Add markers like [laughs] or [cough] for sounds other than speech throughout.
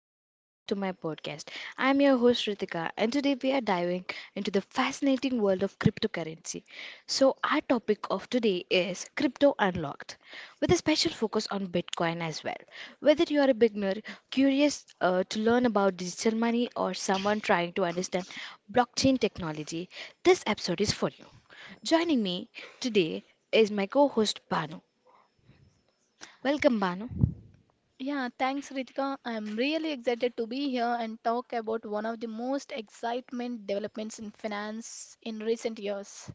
welcome back to my podcast. I'm your host Ritika, and today we are diving into the fascinating world of cryptocurrency. So, our topic of today is Crypto Unlocked, with a special focus on Bitcoin as well. Whether you are a beginner, curious to learn about digital money, or someone trying to understand blockchain technology, this episode is for you. Joining me today is my co host Banu. Welcome, Banu. Yeah, thanks Ritika. I'm really excited to be here and talk about one of the most excitement developments in finance in recent years.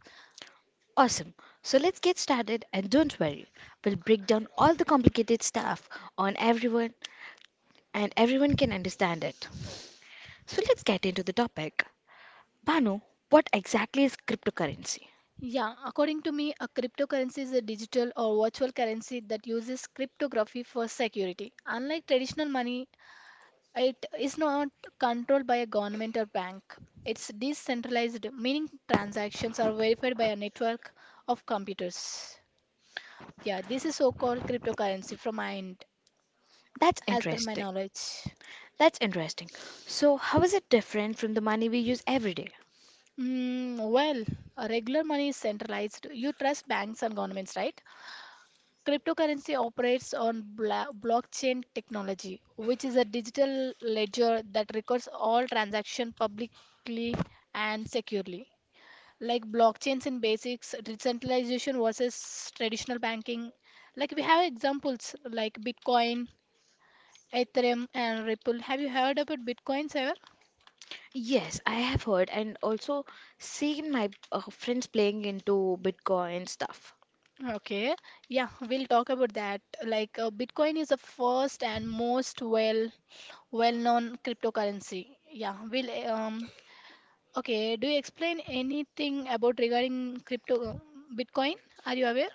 Awesome. So let's get started and don't worry, we'll break down all the complicated stuff on everyone and everyone can understand it. So let's get into the topic. Banu, what exactly is cryptocurrency? Yeah, according to me, a cryptocurrency is a digital or virtual currency that uses cryptography for security. Unlike traditional money, it is not controlled by a government or bank. It's decentralized, meaning transactions are verified by a network of computers. Yeah, this is so-called cryptocurrency from my end, That's as per my interesting. knowledge. That's interesting. So, how is it different from the money we use every day? Well, regular money is centralized. You trust banks and governments, right? Cryptocurrency operates on blockchain technology, which is a digital ledger that records all transactions publicly and securely. Like blockchains in basics, decentralization versus traditional banking. Like we have examples like Bitcoin, Ethereum, and Ripple. Have you heard about Bitcoins ever? Yes, I have heard and also seen my friends playing into Bitcoin stuff. Okay, yeah, we'll talk about that. Like Bitcoin is the first and most well-known cryptocurrency. Yeah, we'll okay, do you explain anything about regarding crypto Bitcoin? Are you aware?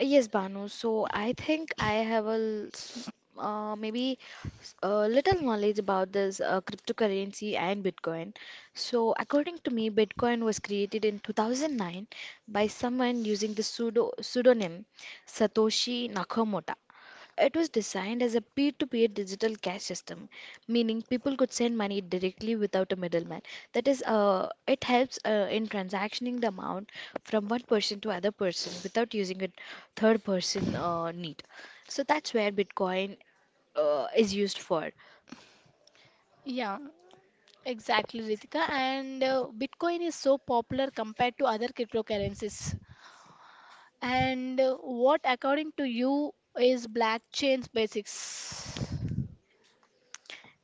Yes, Banu. So I think I have a l- s- maybe s- a little knowledge about this cryptocurrency and Bitcoin. So according to me, Bitcoin was created in 2009 by someone using the pseudonym Satoshi Nakamoto. It was designed as a peer-to-peer digital cash system, meaning people could send money directly without a middleman. That is, it helps in transactioning the amount from one person to other person without using a third person need. So that's where Bitcoin is used for. Yeah, exactly, Ritika. And Bitcoin is so popular compared to other cryptocurrencies. And what, according to you, is blockchain's basics?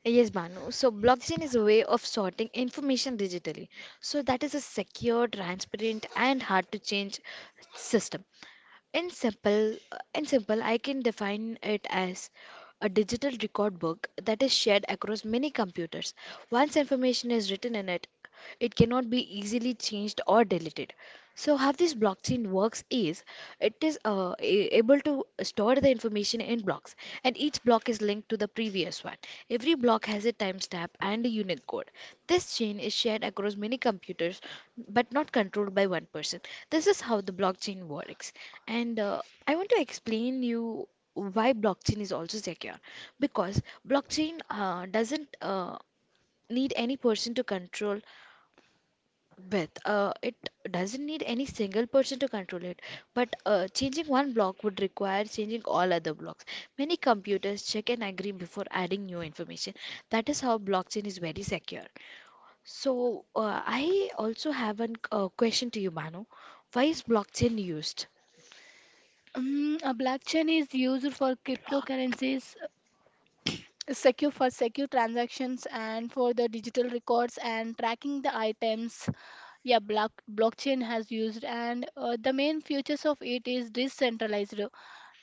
Yes, Banu. So blockchain is a way of sorting information digitally. So that is a secure, transparent, and hard to change system. In simple, I can define it as a digital record book that is shared across many computers. Once information is written in it, it cannot be easily changed or deleted. So, how this blockchain works is it is able to store the information in blocks, and each block is linked to the previous one. Every block has a timestamp and a unit code. This chain is shared across many computers but not controlled by one person. This is how the blockchain works. And I want to explain you why blockchain is also secure because blockchain doesn't need any person to control with it doesn't need any single person to control it, but changing one block would require changing all other blocks. Many computers check and agree before adding new information. That is how blockchain is very secure. So, I also have a question to you, Bano. Why is blockchain used? A blockchain is used for cryptocurrencies, secure transactions, and for the digital records and tracking the items. Yeah, blockchain has used, and the main features of it is decentralized.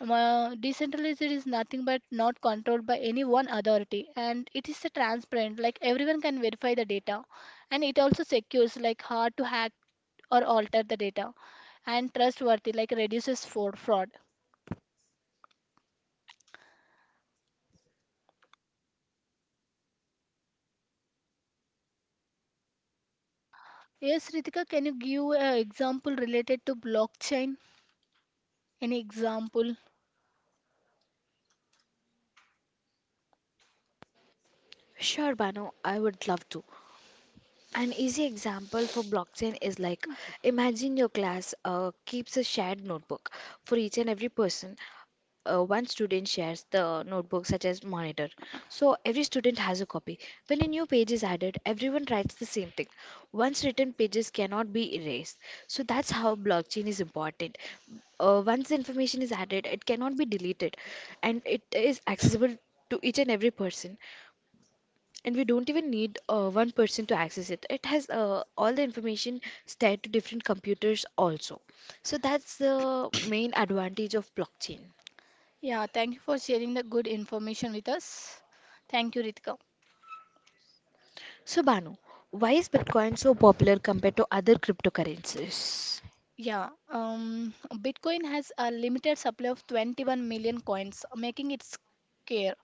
Decentralized is nothing but not controlled by any one authority, and it is a transparent. Like everyone can verify the data, and it also secures, like hard to hack or alter the data, and trustworthy, like reduces for fraud. Yes, Ritika, can you give an example related to blockchain? Any example? Sure, Bano, I would love to. An easy example for blockchain is like, imagine your class keeps a shared notebook for each and every person. One student shares the notebook, such as monitor. So every student has a copy. When a new page is added, everyone writes the same thing. Once written pages cannot be erased. So that's how blockchain is important. Once information is added, it cannot be deleted and it is accessible to each and every person, and we don't even need one person to access it. It has all the information stacked to different computers also. So that's the main advantage of blockchain. Yeah, thank you for sharing the good information with us. Thank you, Ritika. So Banu, why is Bitcoin so popular compared to other cryptocurrencies? Yeah, Bitcoin has a limited supply of 21 million coins, making it scarce.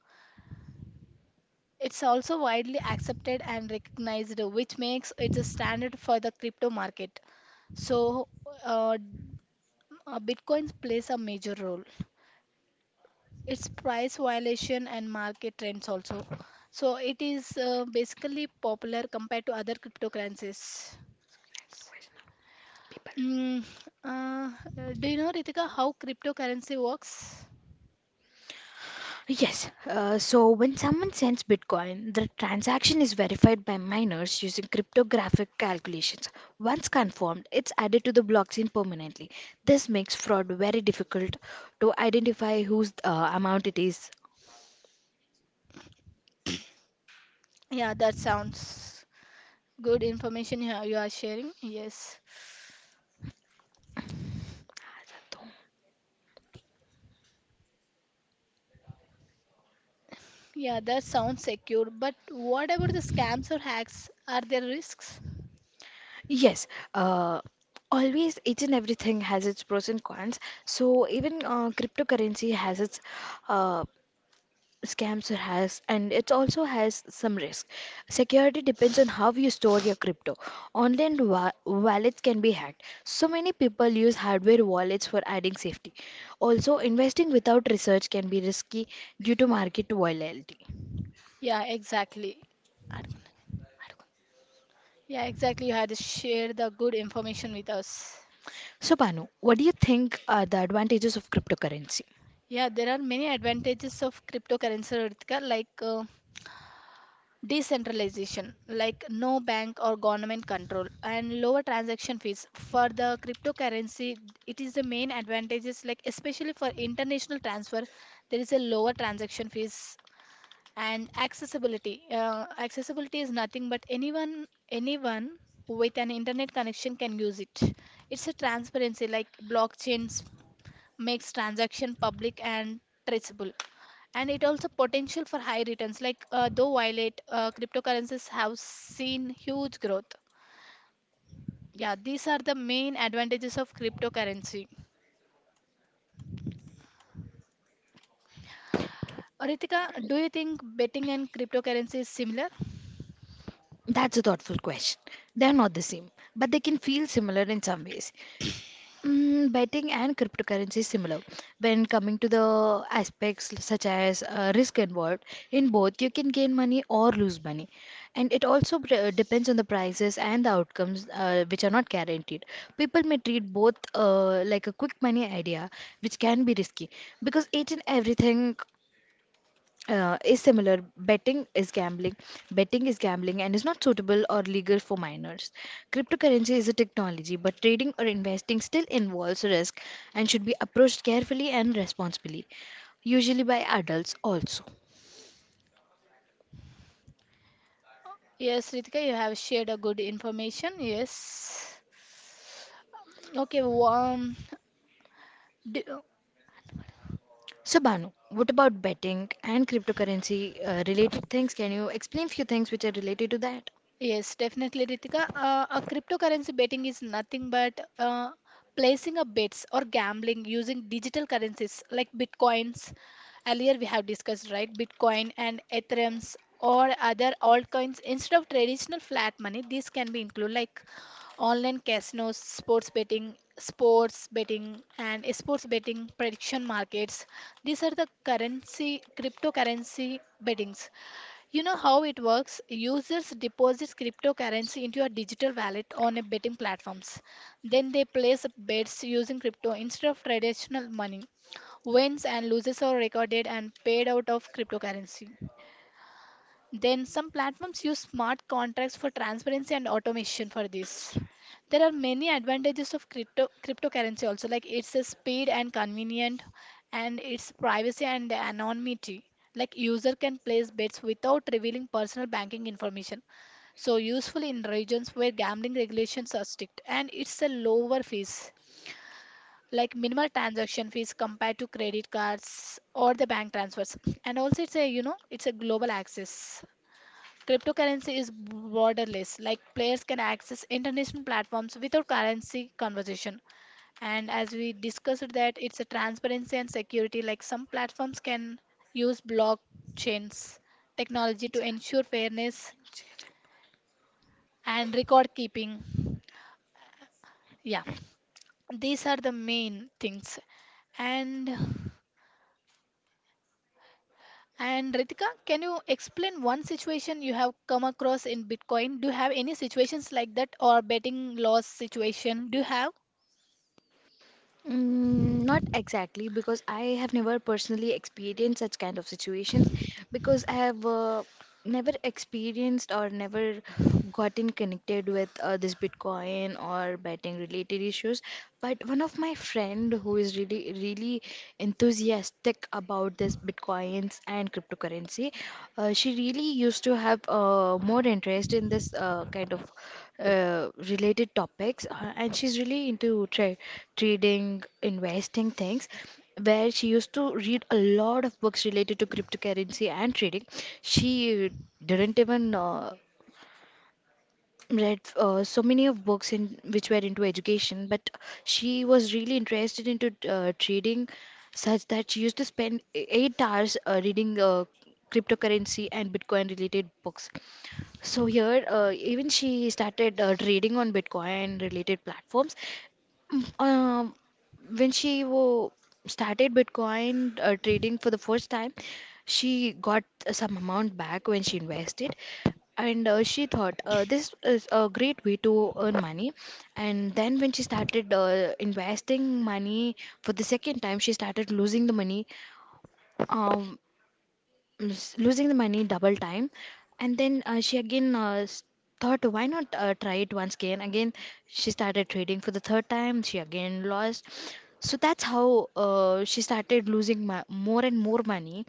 It's also widely accepted and recognized, which makes it a standard for the crypto market. So, uh, Bitcoin plays a major role. It's price violation and market trends also. So it is basically popular compared to other cryptocurrencies. Next question, people. Mm, uh, do you know, Ritika, how cryptocurrency works? Yes, so when someone sends Bitcoin, the transaction is verified by miners using cryptographic calculations. Once confirmed, it's added to the blockchain permanently. This makes fraud very difficult to identify whose amount it is. Yeah, that sounds good information you are sharing. Yes. Yeah, that sounds secure. But what about the scams or hacks? Are there risks? Yes, uh, always each and everything has its pros and cons. So even cryptocurrency has its uh, Scamster has, and it also has some risk. Security depends on how you store your crypto. Online wallets can be hacked. So many people use hardware wallets for adding safety. Also, investing without research can be risky due to market volatility. Yeah, exactly. Yeah, exactly. You had to share the good information with us. So, Banu, what do you think are the advantages of cryptocurrency? Yeah, there are many advantages of cryptocurrency, Ritika, like decentralization, like no bank or government control, and lower transaction fees. For the cryptocurrency, it is the main advantages, like especially for international transfer, there is a lower transaction fees and accessibility. Accessibility is nothing but anyone with an internet connection can use it. It's a transparency, like blockchains makes transaction public and traceable, and it also potential for high returns, like though violet cryptocurrencies have seen huge growth. Yeah, these are the main advantages of cryptocurrency, Ritika. Do you think betting and cryptocurrency is similar? That's a thoughtful question. They are not the same, but they can feel similar in some ways. Mm, betting and cryptocurrency is similar when coming to the aspects such as risk involved. In both, you can gain money or lose money, and it also depends on the prices and the outcomes, which are not guaranteed. People may treat both like a quick money idea, which can be risky because each and everything is similar. Betting is gambling. Betting is gambling and is not suitable or legal for minors. Cryptocurrency is a technology, but trading or investing still involves risk and should be approached carefully and responsibly, usually by adults also. Yes, Ritika, you have shared a good information. Yes Um, okay well, um, do, So, Banu, what about betting and cryptocurrency related things? Can you explain few things which are related to that? Yes, definitely, Ritika. A cryptocurrency betting is nothing but placing a bets or gambling using digital currencies like bitcoins. Earlier, we have discussed, right? Bitcoin and Ethereums or other altcoins instead of traditional flat money. These can be included like online casinos, sports betting, and sports betting prediction markets. These are the currency, cryptocurrency bettings. You know how it works? Users deposits cryptocurrency into a digital wallet on a betting platforms. Then they place bets using crypto instead of traditional money. Wins and losses are recorded and paid out of cryptocurrency. Then some platforms use smart contracts for transparency and automation for this. There are many advantages of cryptocurrency also, like it's a speed and convenient, and it's privacy and anonymity. Like user can place bets without revealing personal banking information. So useful in regions where gambling regulations are strict, and it's a lower fees, like minimal transaction fees compared to credit cards or the bank transfers. And also it's a it's a global access. Cryptocurrency is borderless, like players can access international platforms without currency conversion. And as we discussed that it's a transparency and security, like some platforms can use blockchains technology to ensure fairness and record keeping. Yeah, these are the main things. And and Ritika, can you explain one situation you have come across in Bitcoin? Do you have any situations like that or betting loss situation? Do you have? Mm, not exactly, because I have never personally experienced such kind of situations, because I have never experienced or never gotten connected with this Bitcoin or betting related issues. But one of my friend who is really really enthusiastic about this Bitcoins and cryptocurrency, she really used to have more interest in this kind of related topics, and she's really into trading investing things, where she used to read a lot of books related to cryptocurrency and trading. She didn't even read so many of books in which were into education, but she was really interested into trading, such that she used to spend 8 hours reading cryptocurrency and Bitcoin related books. So here, even she started trading on Bitcoin related platforms. Mm, Um, when she started Bitcoin trading for the first time, she got some amount back when she invested, and she thought this is a great way to earn money. And then when she started investing money for the second time, she started losing the money. Um losing the money double time. And then thought, why not try it once again. Again, she started trading for the third time. She again lost. So that's how she started losing more and more money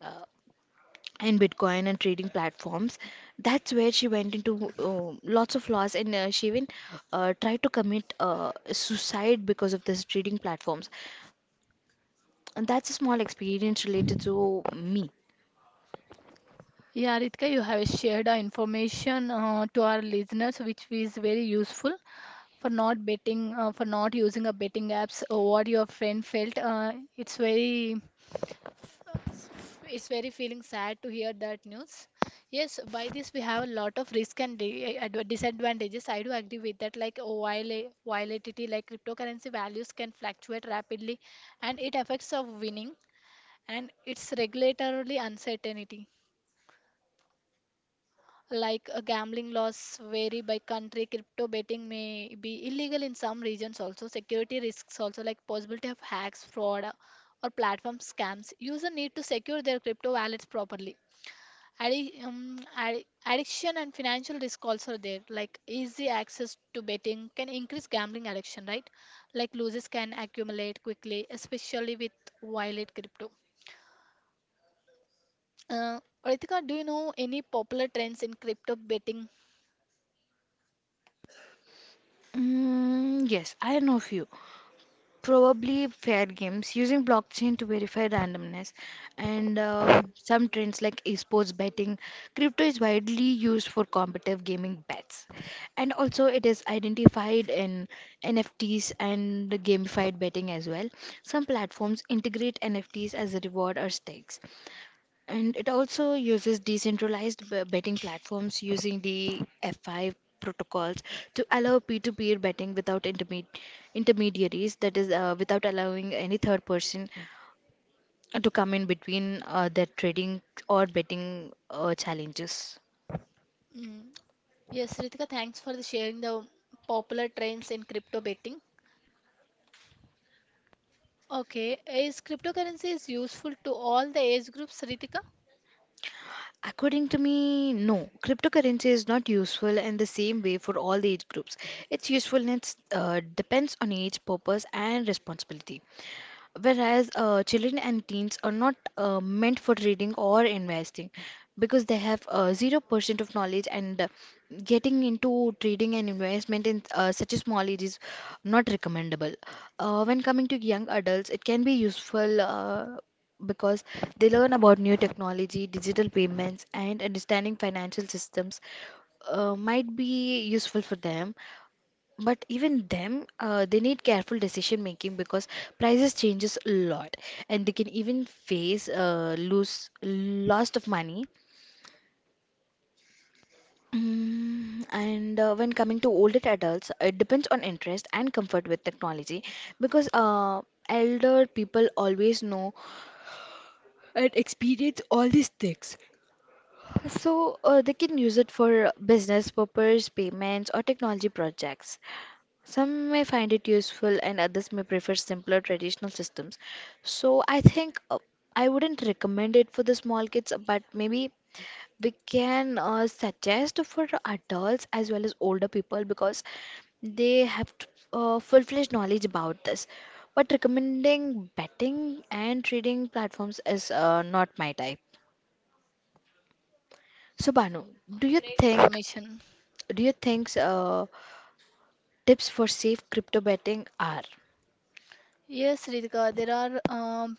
uh, in Bitcoin and trading platforms. That's where she went into lots of loss, and she even tried to commit suicide because of this trading platforms. And that's a small experience related to me. Yeah, Ritika, you have shared information to our listeners, which is very useful for not betting, for not using a betting apps. Or what your friend felt, it's very feeling sad to hear that news. Yes, by this we have a lot of risk and disadvantages. I do agree with that. Like oh, volatility, like cryptocurrency values can fluctuate rapidly, and it affects of winning. And its regulatory uncertainty, like gambling laws vary by country. Crypto betting may be illegal in some regions also. Security risks also, like possibility of hacks, fraud, or platform scams. User need to secure their crypto wallets properly. Addiction and financial risk also are there, like easy access to betting can increase gambling addiction, right? Like losses can accumulate quickly, especially with violet crypto. uh, Ritika, do you know any popular trends in crypto betting? Mm, yes, I know few. Probably fair games using blockchain to verify randomness, and some trends like esports betting. Crypto is widely used for competitive gaming bets, and also it is identified in NFTs and gamified betting as well. Some platforms integrate NFTs as a reward or stakes, and it also uses decentralized betting platforms using the F5 protocols to allow peer-to-peer betting without intermediaries, that is, without allowing any third person to come in between their trading or betting challenges. Mm. Yes, Ritika, thanks for the sharing the popular trends in crypto betting. Okay, is cryptocurrency is useful to all the age groups, Ritika? According to me, no. Cryptocurrency is not useful in the same way for all the age groups. Its usefulness depends on age, purpose, and responsibility. Whereas children and teens are not meant for reading or investing because they have 0% of knowledge, and getting into trading and investment in such a small age is not recommendable. When coming to young adults, it can be useful because they learn about new technology, digital payments, and understanding financial systems might be useful for them. But even them, they need careful decision making because prices changes a lot, and they can even face lose lost of money. Mm, and when coming to older adults, it depends on interest and comfort with technology because elder people always know and experience all these things. So they can use it for business purpose, payments, or technology projects. Some may find it useful and others may prefer simpler traditional systems. So I think I wouldn't recommend it for the small kids, but maybe we can suggest for adults as well as older people because they have full-fledged knowledge about this. But recommending betting and trading platforms is not my type. So Banu, Okay, great information. do you think tips for safe crypto betting are? Yes, Ritika, there are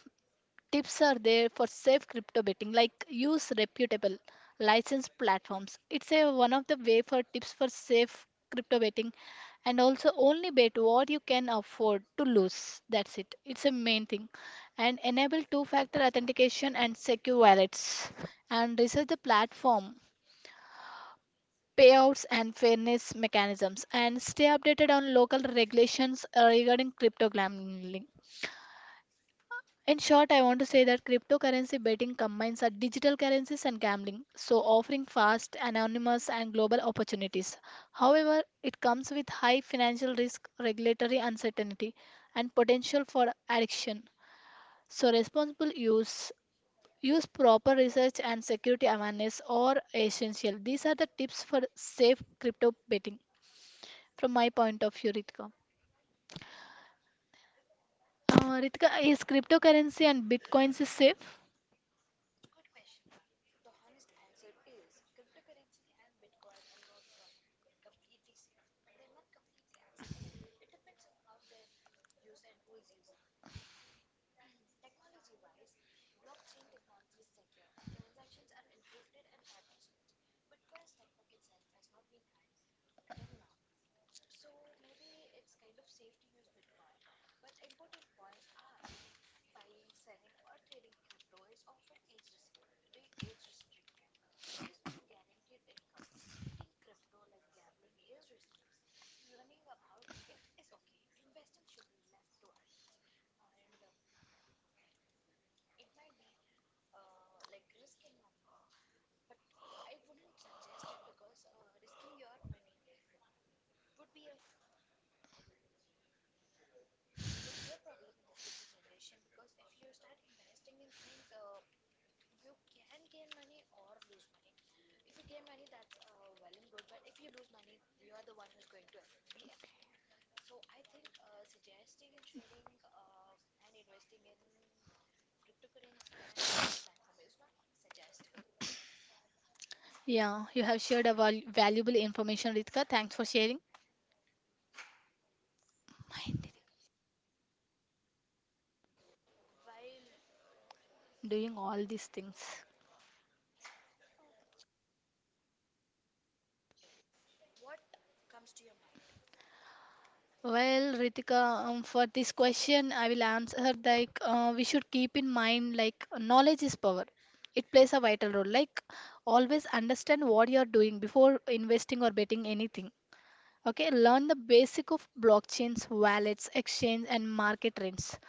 tips are there for safe crypto betting, like use reputable licensed platforms. It's a one of the way for tips for safe crypto betting. And also only bet what you can afford to lose. That's it. It's a main thing. And enable two-factor authentication and secure wallets, and research the platform payouts and fairness mechanisms, and stay updated on local regulations regarding crypto gambling. In short, I want to say that cryptocurrency betting combines our digital currencies and gambling, so offering fast, anonymous, and global opportunities. However, it comes with high financial risk, regulatory uncertainty, and potential for addiction. So, responsible use, use proper research and security awareness are essential. These are the tips for safe crypto betting from my point of view, Ritika. Ritika, is cryptocurrency and bitcoins is safe? Yeah, you have shared a valuable information, Ritika. Thanks for sharing, doing all these things. Well, Ritika, for this question, I will answer like we should keep in mind like knowledge is power. It plays a vital role. Like always understand what you are doing before investing or betting anything. Okay, learn the basic of blockchains, wallets, exchange, and market trends.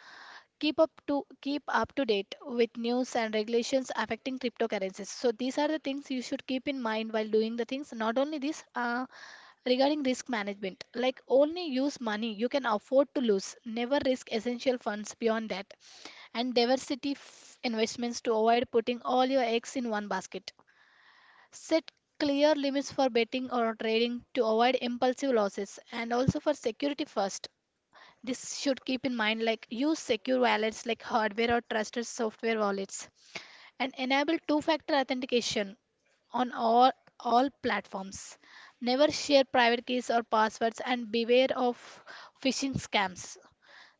Keep up to date with news and regulations affecting cryptocurrencies. So these are the things you should keep in mind while doing the things. Not only this, regarding risk management, like only use money you can afford to lose, never risk essential funds beyond that, and diversity investments to avoid putting all your eggs in one basket. Set clear limits for betting or trading to avoid impulsive losses. And also for security first, this should keep in mind, like use secure wallets like hardware or trusted software wallets, and enable two factor authentication on all platforms. Never share private keys or passwords, and beware of phishing scams.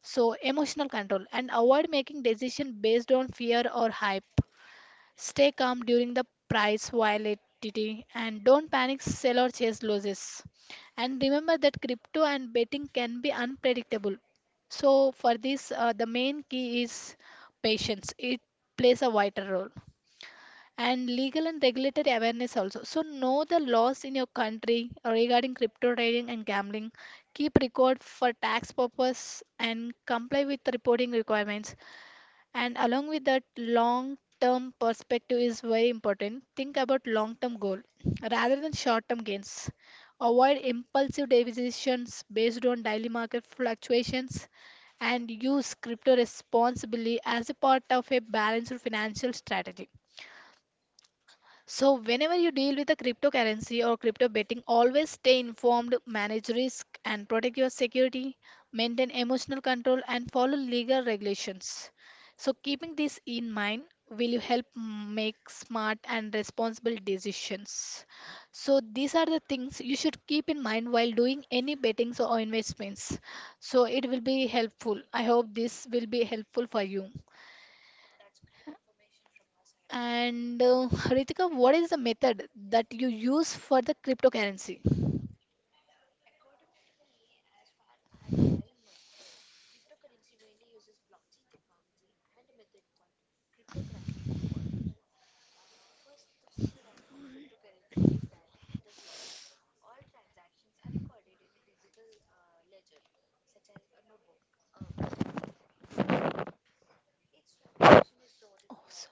So emotional control, and avoid making decisions based on fear or hype. Stay calm during the price volatility and don't panic sell or chase losses. And remember that crypto and betting can be unpredictable. So for this, the main key is patience. It plays a vital role. And legal and regulatory awareness also. So know the laws in your country regarding crypto trading and gambling. Keep record for tax purpose and comply with the reporting requirements. And along with that, long term perspective is very important. Think about long term goal rather than short term gains. Avoid impulsive decisions based on daily market fluctuations, and use crypto responsibly as a part of a balanced financial strategy. So, whenever you deal with a cryptocurrency or crypto betting, always stay informed, manage risk, and protect your security, maintain emotional control, and follow legal regulations. So, keeping this in mind, will you help make smart and responsible decisions? So, these are the things you should keep in mind while doing any bettings or investments. So, it will be helpful. I hope this will be helpful for you. And Ritika, what is the method that you use for the cryptocurrency? Oh, sorry.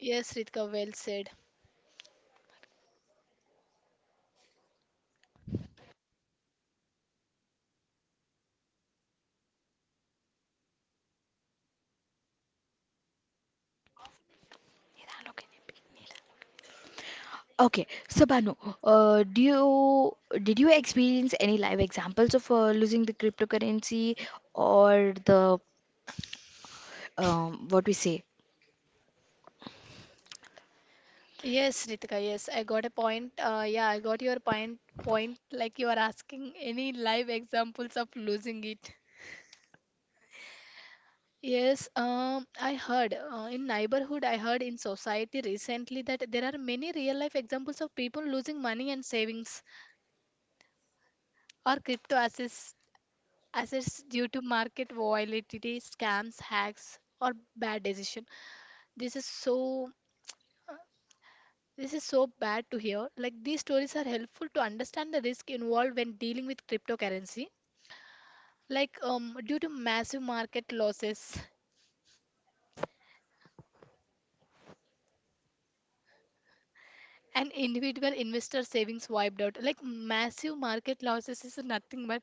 Yes, Ritika, well said. Okay, so Banu, do you did you experience any live examples of losing the cryptocurrency or the what we say? Yes, Ritika, yes, I got a point. Yeah, I got your point. Point like you are asking any live examples of losing it. Yes, I heard in neighborhood, I heard in society recently that there are many real life examples of people losing money and savings or crypto assets assets due to market volatility, scams, hacks, or bad decision. This is so this is so bad to hear. Like these stories are helpful to understand the risk involved when dealing with cryptocurrency. Like due to massive market losses [laughs] and individual investor savings wiped out. Like massive market losses is nothing but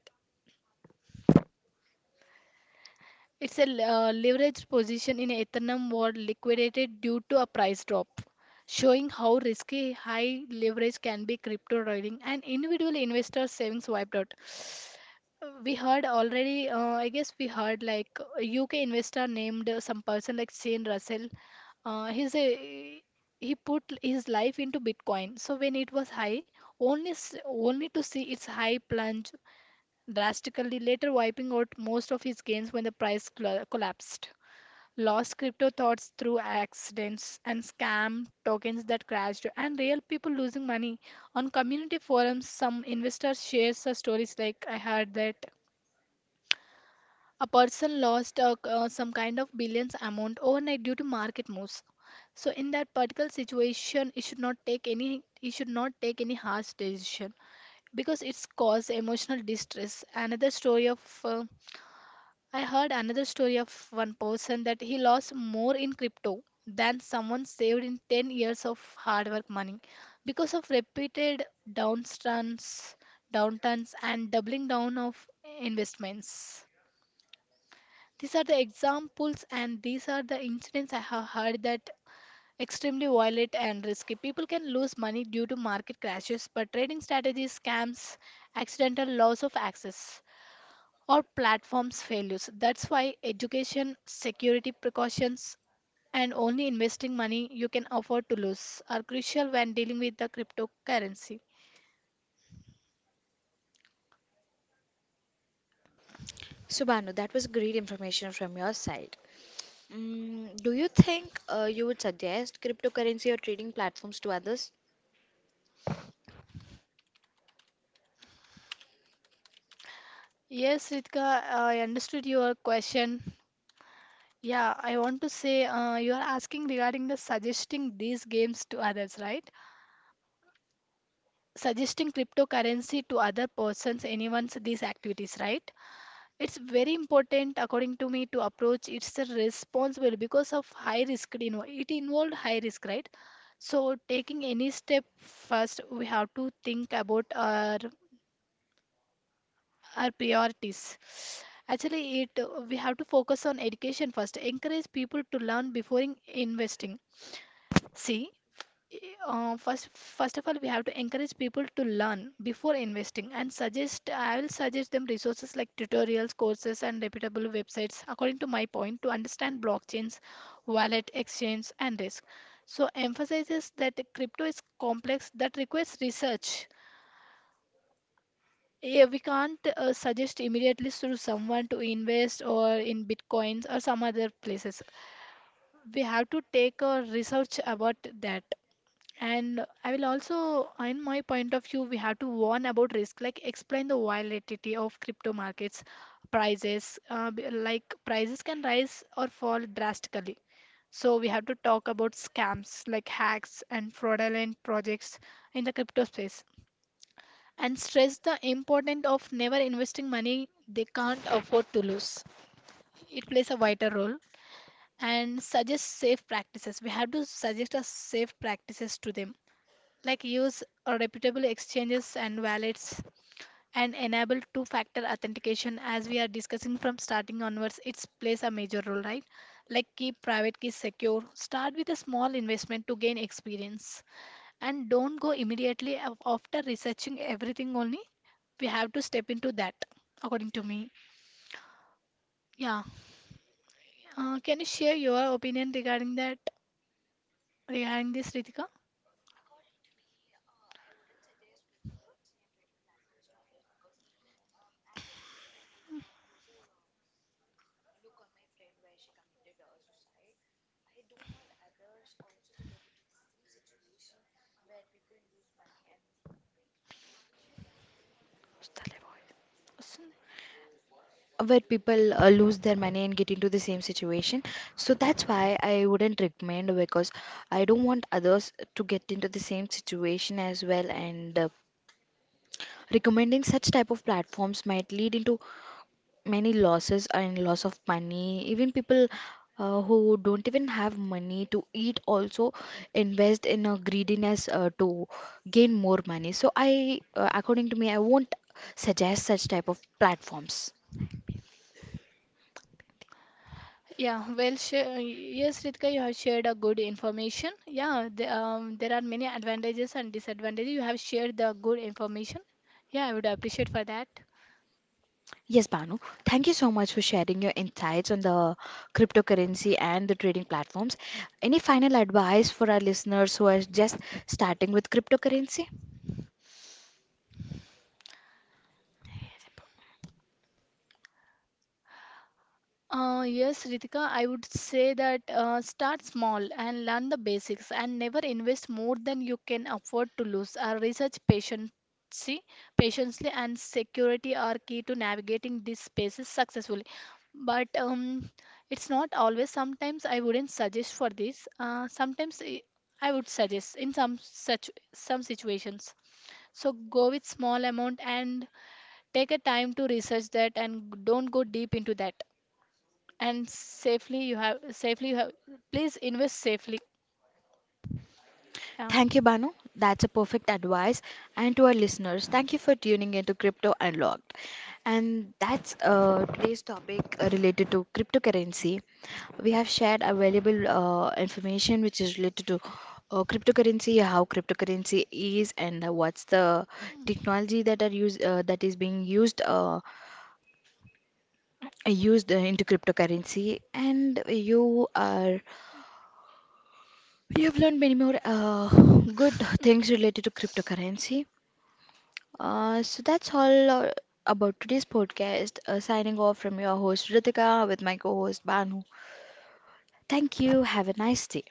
It's a le- leveraged position in Eternum was liquidated due to a price drop, showing how risky high leverage can be crypto trading and individual investor savings wiped out. We heard already, I guess we heard like a UK investor named some person like Shane Russell. Uh, he's a he put his life into Bitcoin. So when it was high, only to see its high plunge drastically, later wiping out most of his gains when the price cla collapsed, lost crypto thoughts through accidents and scam tokens that crashed and real people losing money. On community forums some investors share such stories. Like I heard that a person lost some kind of billions amount overnight due to market moves. So in that particular situation, you should not take any harsh decision because it's cause emotional distress. Another story of I heard another story of one person that he lost more in crypto than someone saved in 10 years of hard work money because of repeated downturns and doubling down of investments. These are the examples and these are the incidents I have heard that extremely violent and risky. People can lose money due to market crashes, but trading strategies, scams, accidental loss of access or platforms failures. That's why education, security precautions, and only investing money you can afford to lose are crucial when dealing with the cryptocurrency. So, Banu, that was great information from your side. Mm, do you think you would suggest cryptocurrency or trading platforms to others? Yes, Ritika, I understood your question. Yeah, I want to say you are asking regarding the suggesting these games to others, right? Suggesting cryptocurrency to other persons, anyone's these activities, right? It's very important, according to me, to approach it's a responsible because of high risk. You know, it involved high risk, right? So taking any step first, we have to think about our priorities. Actually, it we have to focus on education first. Encourage people to learn before investing. See, first of all we have to encourage people to learn before investing and suggest, I will suggest them resources like tutorials, courses and reputable websites according to my point to understand blockchains, wallet exchange and risk. So emphasizes that crypto is complex that requires research. Yeah, we can't suggest immediately to someone to invest or in bitcoins or some other places. We have to take a research about that. And I will also, in my point of view, we have to warn about risk, like explain the volatility of crypto markets prices, like prices can rise or fall drastically. So we have to talk about scams like hacks and fraudulent projects in the crypto space and stress the importance of never investing money they can't afford to lose. It plays a vital role and suggest safe practices. We have to suggest us safe practices to them, like use reputable exchanges and wallets and enable two factor authentication. As we are discussing from starting onwards, it plays a major role, right? Like keep private keys secure, start with a small investment to gain experience and don't go immediately after researching everything only we have to step into that, according to me. Yeah, can you share your opinion regarding that regarding this, Ritika? Where people lose their money and get into the same situation. So that's why I wouldn't recommend, because I don't want others to get into the same situation as well. And recommending such type of platforms might lead into many losses and loss of money. Even people who don't even have money to eat also invest in a greediness to gain more money. So I according to me, I won't suggest such type of platforms. Yeah, well, sure. Yes, Ritika, you have shared a good information. Yeah, there are many advantages and disadvantages. You have shared the good information. Yeah, I would appreciate for that. Yes Banu, thank you so much for sharing your insights on the cryptocurrency and the trading platforms. Any final advice for our listeners who are just starting with cryptocurrency? Yes, Ritika, I would say that start small and learn the basics and never invest more than you can afford to lose. Our research patience, patiently and security are key to navigating these spaces successfully. But it's not always. Sometimes I wouldn't suggest for this. Sometimes I would suggest in some such some situations. So go with small amount and take a time to research that and don't go deep into that and safely you have please invest safely, Thank yeah. you, Banu. That's a perfect advice. And to our listeners, thank you for tuning into Crypto Unlocked. And that's today's topic related to cryptocurrency. We have shared available information which is related to cryptocurrency, how cryptocurrency is, and what's the technology that are used that is being used into cryptocurrency. And you have learned many more good things related to cryptocurrency. So that's all about today's podcast. Signing off from your host Ritika with my co host Banu. Thank you. Have a nice day.